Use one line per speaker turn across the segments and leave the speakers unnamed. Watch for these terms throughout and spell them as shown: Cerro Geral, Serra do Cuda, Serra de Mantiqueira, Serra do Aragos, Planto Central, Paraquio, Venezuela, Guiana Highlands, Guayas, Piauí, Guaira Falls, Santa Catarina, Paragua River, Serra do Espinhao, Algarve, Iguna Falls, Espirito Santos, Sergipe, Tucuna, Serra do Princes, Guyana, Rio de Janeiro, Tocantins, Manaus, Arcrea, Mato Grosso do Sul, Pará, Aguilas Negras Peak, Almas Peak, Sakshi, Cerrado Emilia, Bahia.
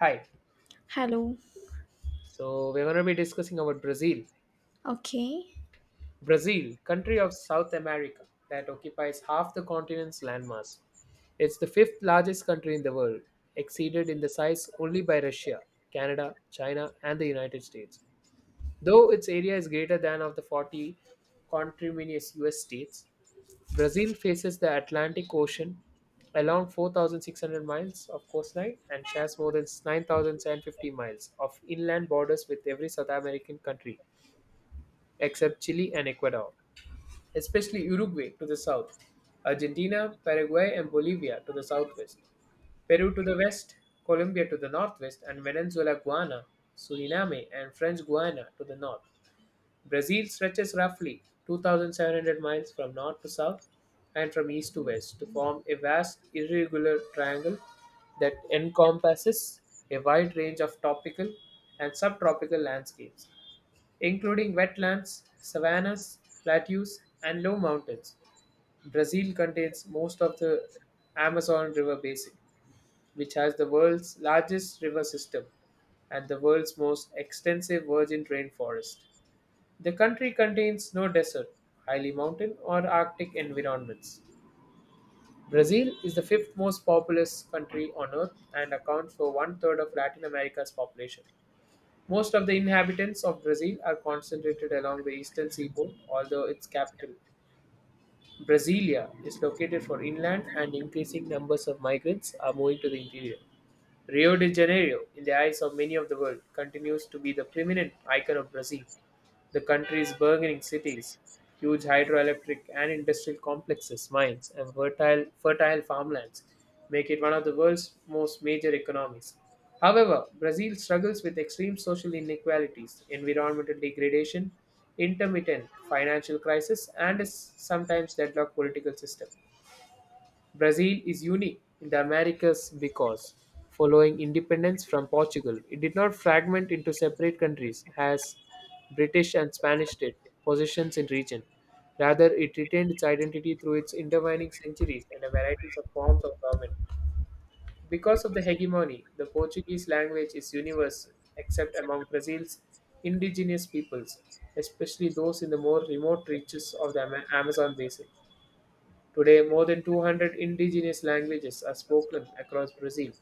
Hi.
Hello.
So we're going to be discussing about Brazil.
Okay.
Brazil, country of South America that occupies half the continent's landmass. It's the fifth largest country in the world, exceeded in the size only by Russia, Canada, China, and the United States. Though its area is greater than of the 40 conterminous US states, Brazil faces the Atlantic Ocean along 4,600 miles of coastline and shares more than 9,750 miles of inland borders with every South American country except Chile and Ecuador, especially Uruguay to the south, Argentina, Paraguay, and Bolivia to the southwest, Peru to the west, Colombia to the northwest, and Venezuela, Guiana, Suriname, and French Guiana to the north. Brazil stretches roughly 2,700 miles from north to south and from east to west to form a vast irregular triangle that encompasses a wide range of tropical and subtropical landscapes, including wetlands, savannas, plateaus, and low mountains. Brazil contains most of the Amazon River basin, which has the world's largest river system and the world's most extensive virgin rainforest. The country contains no desert, highly mountain, or Arctic environments. Brazil is the fifth most populous country on Earth and accounts for one third of Latin America's population. Most of the inhabitants of Brazil are concentrated along the eastern seaboard, although its capital, Brasilia, is located for inland and increasing numbers of migrants are moving to the interior. Rio de Janeiro, in the eyes of many of the world, continues to be the prominent icon of Brazil. The country's burgeoning cities, huge hydroelectric and industrial complexes, mines, and fertile farmlands make it one of the world's most major economies. However, Brazil struggles with extreme social inequalities, environmental degradation, intermittent financial crisis, and a sometimes deadlocked political system. Brazil is unique in the Americas because, following independence from Portugal, it did not fragment into separate countries as British and Spanish did, possessions in region. Rather, it retained its identity through its intervening centuries and a varieties of forms of government. Because of the hegemony, the Portuguese language is universal, except among Brazil's indigenous peoples, especially those in the more remote reaches of the Amazon basin. Today, more than 200 indigenous languages are spoken across Brazil,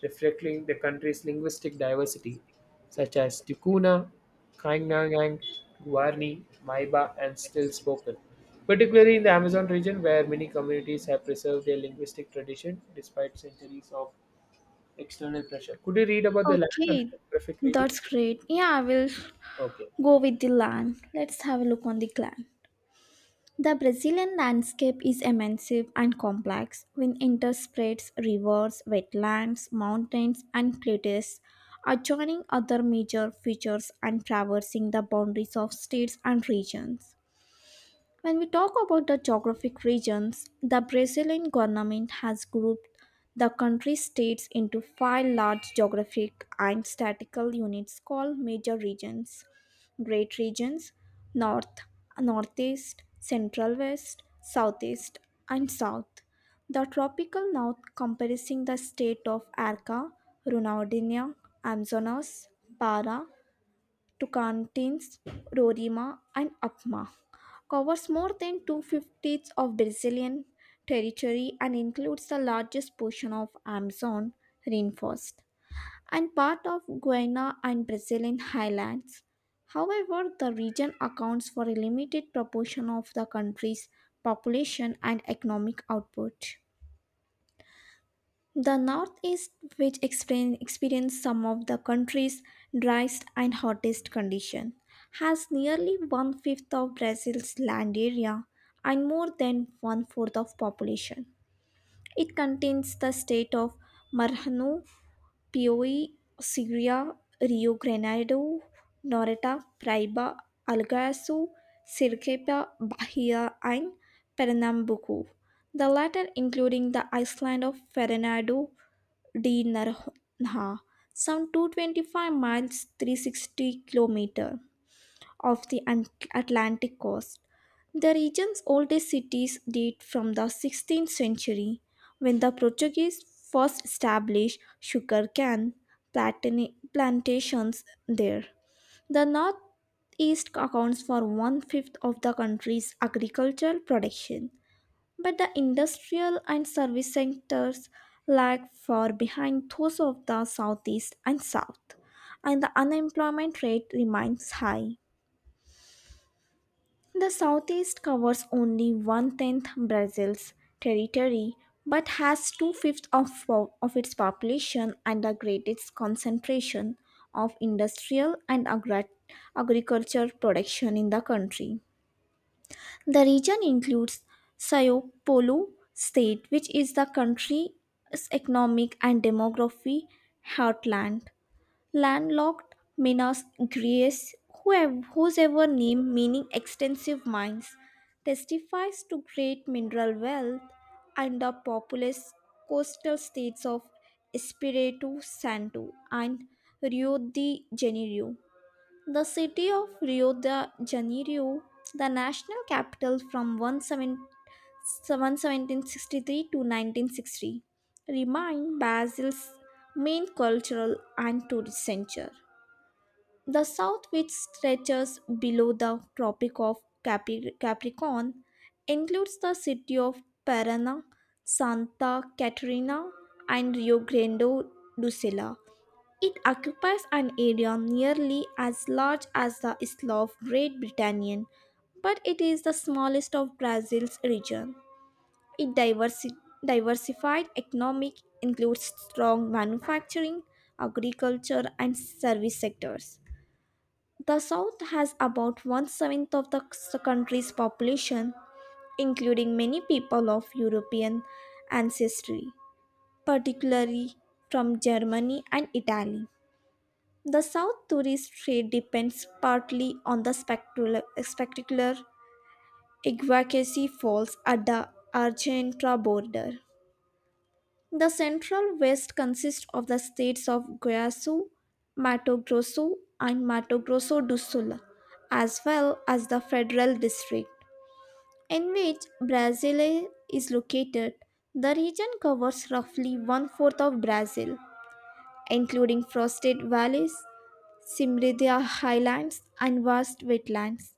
reflecting the country's linguistic diversity, such as Tucuna, Kainangang, Guarani, Maiba, and Still Spoken, particularly in the Amazon region where many communities have preserved their linguistic tradition despite centuries of external pressure. Could you read about the land and
Okay.
geographic region?
That's great. Yeah, I will
Okay.
go with the land. Let's have a look on the land. The Brazilian landscape is immense and complex, with interspreads rivers, wetlands, mountains, and plateaus, adjoining other major features and traversing the boundaries of states and regions. When we talk about the geographic regions, the Brazilian government has grouped the country's states into five large geographic and statistical units called major regions. Great regions North, Northeast, Central West, Southeast, and South. The tropical north comprising the state of Arca, Ronaldinho, Amazonas, Para, to contains Roraima, and Apma, covers more than two-fifths of Brazilian territory and includes the largest portion of Amazon rainforest and part of Guyana and Brazilian highlands. However, the region accounts for a limited proportion of the country's population and economic output. The Northeast, which experienced some of the country's driest and hottest condition, has nearly one fifth of Brazil's land area and more than one fourth of population. It contains the state of Maranhão, Piauí, Segria, Rio Grande, Noreta, Praiba, Algarve, Sergipe, Bahia, and Pernambuco. The latter including the island of Fernando Dinner ha some 225 miles 360 kilometer) of the Atlantic coast. The region's oldest cities date from the 16th century when the Portuguese first established sugarcane plantations there. The northeast accounts for one fifth of the country's agricultural production, but the industrial and service sectors lag far behind those of the southeast and south, and the unemployment rate remains high. The southeast covers only one tenth Brazil's territory but has two fifths of its population and the greatest concentration of industrial and agriculture production in the country. The region includes Sao Paulo state, which is the country's economic and demography heartland. Landlocked Minas Gerais, whose ever name meaning extensive mines, testifies to great mineral wealth and the populous coastal states of Espírito Santo and Rio de Janeiro. The city of Rio de Janeiro, the national capital from to 1963, remained Brazil's main cultural and tourist center. The south, which stretches below the Tropic of Capricorn, includes the city of Paraná, Santa Catarina, and Rio Grande do Sul. It occupies an area nearly as large as the Isla of Great Britain, but it is the smallest of Brazil's region. Its diversified economic includes strong manufacturing, agriculture, and service sectors. The South has about one seventh of the country's population, including many people of European ancestry, particularly from Germany and Italy. The South tourist trade depends partly on the spectacular Iguacasi Falls at the Argentina border. The central west consists of the states of Guayas, Mato Grosso, and Mato Grosso do Sul, as well as the federal district in which Brasília is located. The region covers roughly one fourth of Brazil, including frosted valleys Simridia highlands and vast wetlands.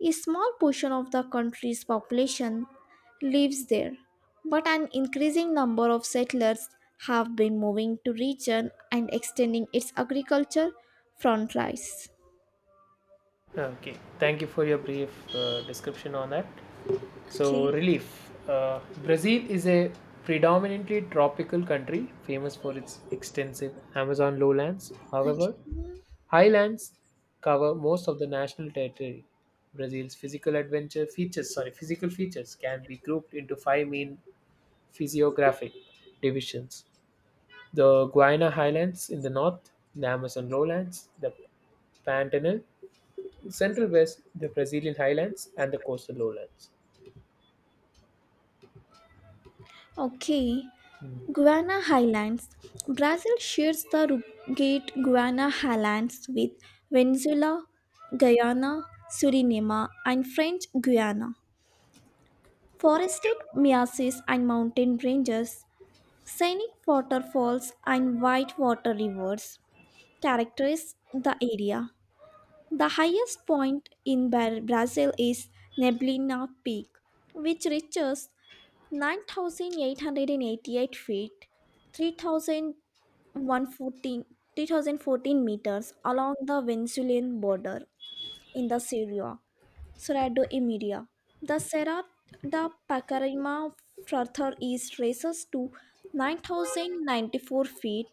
A small portion of the country's population lives there, but an increasing number of settlers have been moving to region and extending its agriculture frontiers.
Okay. Thank you for your brief description on that. So,
Okay.
relief. Brazil is a predominantly tropical country, famous for its extensive Amazon lowlands.
Okay.
However, highlands cover most of the national territory. Brazil's physical adventure features, sorry, physical features can be grouped into five main physiographic divisions: the Guiana Highlands in the north, the Amazon lowlands, the Pantanal, central west, the Brazilian highlands, and the coastal lowlands.
Okay. Guiana Highlands. Brazil shares the rugged Guiana Highlands with Venezuela, Guyana, Suriname, and French Guiana. Forested mesas and mountain ranges, scenic waterfalls, and whitewater rivers characterize the area. The highest point in Brazil is Neblina Peak, which reaches 9,888 feet, 3,114 meters along the Venezuelan border in the Syria. Cerrado Emilia. The Serra da Pacarima further east rises to 9,094 feet,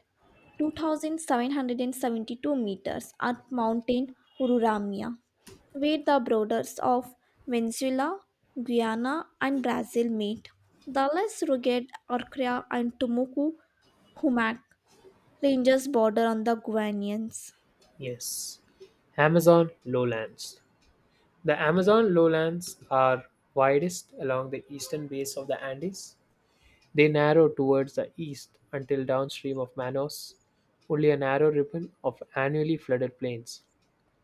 2,772 meters at Mountain Ururamia, where the borders of Venezuela, Guyana, and Brazil meet. The less rugged Arcrea and Tumuku Humac ranges border on the Guianians.
Yes. Amazon lowlands. The Amazon lowlands are widest along the eastern base of the Andes. They narrow towards the east until downstream of Manaus. Only a narrow ribbon of annually flooded plains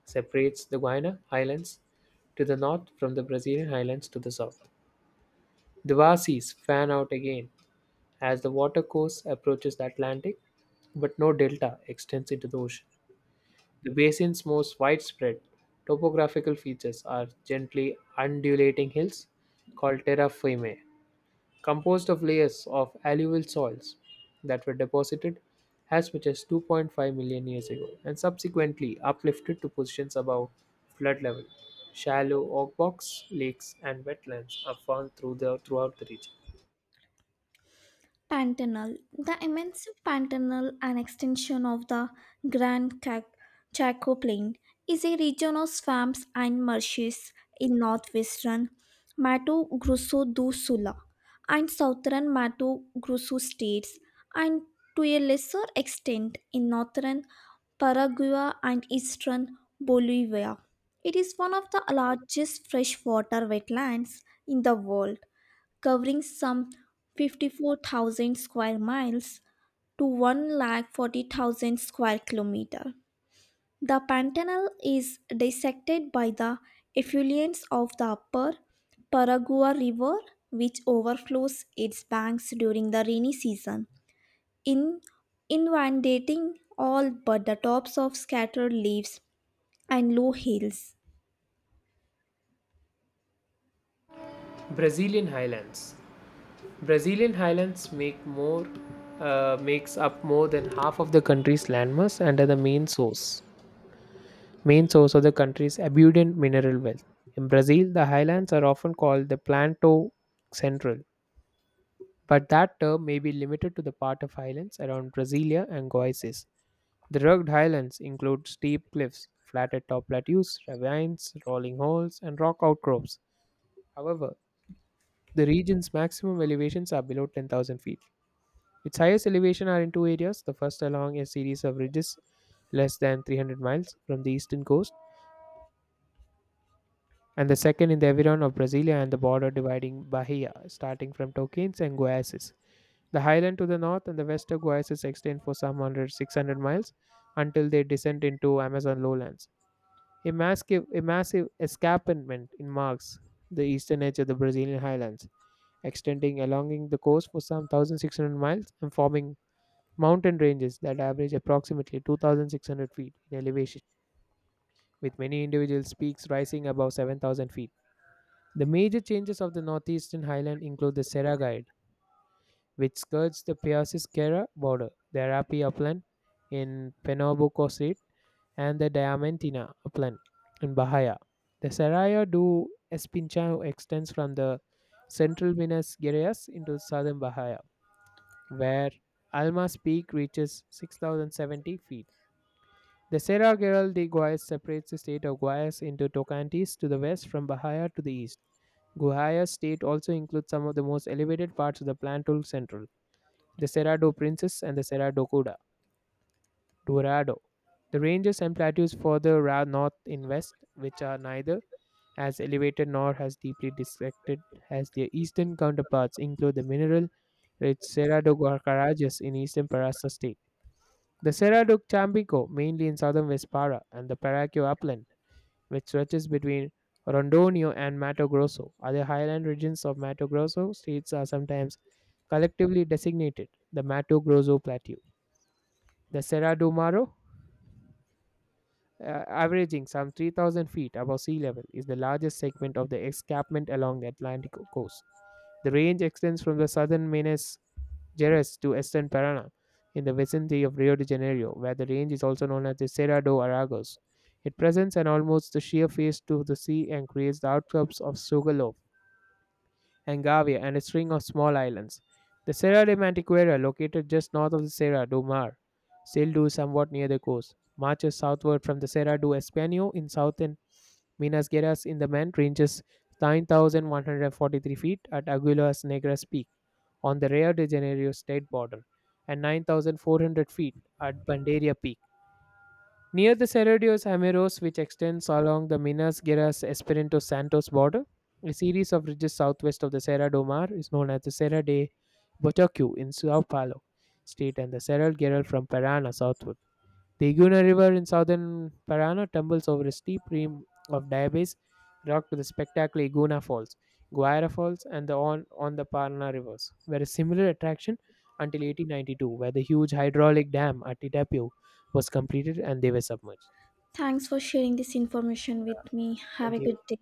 separates the Guiana Highlands to the north from the Brazilian Highlands to the south. The Vasis fan out again as the watercourse approaches the Atlantic, but no delta extends into the ocean. The basin's most widespread topographical features are gently undulating hills called terra firme, composed of layers of alluvial soils that were deposited as much as 2.5 million years ago and subsequently uplifted to positions above flood level. Shallow oak box lakes and wetlands are found throughout the region.
Pantanal. The immense Pantanal, an extension of the Grand Ca- Chaco Plain, is a region of swamps and marshes in northwestern Mato Grosso do Sul and southern Mato Grosso states, and to a lesser extent in northern Paraguay and eastern Bolivia. It is one of the largest freshwater wetlands in the world, covering some 54,000 square miles to one lakh 40,000 square kilometer. The Pantanal is dissected by the effluents of the upper Paragua River, which overflows its banks during the rainy season, in inundating all but the tops of scattered leaves and low hills.
Brazilian highlands. Brazilian highlands make more makes up more than half of the country's landmass and are the main source of the country's abundant mineral wealth. In Brazil, the highlands are often called the Planto Central, but that term may be limited to the part of highlands around Brasilia and Goiás. The rugged highlands include steep cliffs, flatted top plateaus, ravines, rolling holes, and rock outcrops. However, the region's maximum elevations are below 10,000 feet. Its highest elevation are in two areas, the first along a series of ridges less than 300 miles from the eastern coast, and the second in the Aveyron of Brasilia and the border dividing Bahia, starting from Tocantins and Goiás. The highland to the north and the west of Goiás extend for some one hundred 600 miles until they descend into Amazon lowlands. A massive escarpment marks the eastern edge of the Brazilian highlands, extending along the coast for some 1,600 miles and forming mountain ranges that average approximately 2,600 feet in elevation, with many individual peaks rising above 7,000 feet. The major changes of the northeastern highland include the Serra Guide, which skirts the Persis-Serra border, the Arapi upland in Penobscot, and the Diamantina upland in Bahia. The Serra do Espinhao extends from the central Minas Gerais into southern Bahia, where Almas Peak reaches 6,070 feet. The Sierra Giral de Guayas separates the state of Guayas into Tocantin's to the west from Bahia to the east. Guayas state also includes some of the most elevated parts of the Plantul Central, the Serra do Princes and the Serra do Cuda, Dourado. The ranges and plateaus further north in west, which are neither as elevated nor as deeply dissected as their eastern counterparts, include the mineral rich Serra do Guacarajas in eastern Pará state. The Serra do Chambico, mainly in southern West Para, and the Paraquio upland which stretches between Rondônia and Mato Grosso. Other highland regions of Mato Grosso states are sometimes collectively designated the Mato Grosso Plateau. The Serra do Maro, averaging some 3,000 feet above sea level, is the largest segment of the escarpment along the Atlantic coast. The range extends from the southern Minas Gerais to eastern Paraná in the vicinity of Rio de Janeiro, where the range is also known as the Serra do Aragos. It presents an almost sheer face to the sea and creates the outcrops of Sugarloaf Hengavia, and a string of small islands. The Serra de Mantiqueira, located just north of the Serra do Mar, still do somewhat near the coast, marches southward from the Serra do Espano in southern Minas Gerais in the Mand, ranges 9,143 feet at Aguilas Negras Peak on the Rio de Janeiro state border, and 9,400 feet at Bandeira Peak. Near the Cerro de los Jameros, which extends along the Minas Gerais Espirito Santos border, a series of ridges southwest of the Serra do Mar is known as the Serra de Botocu in Sao Paulo state and the Cerro Geral from Paraná southward. The Iguna River in southern Parana tumbles over a steep rim of diabase rock to the spectacular Iguna Falls, Guaira Falls, and the on the Parana rivers were a similar attraction until 1892, where the huge hydraulic dam at Itapio was completed and they were submerged.
Thanks for sharing this information with me. Have
Thank
a
you.
good day.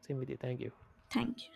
Same with you. Thank you.
Thank you.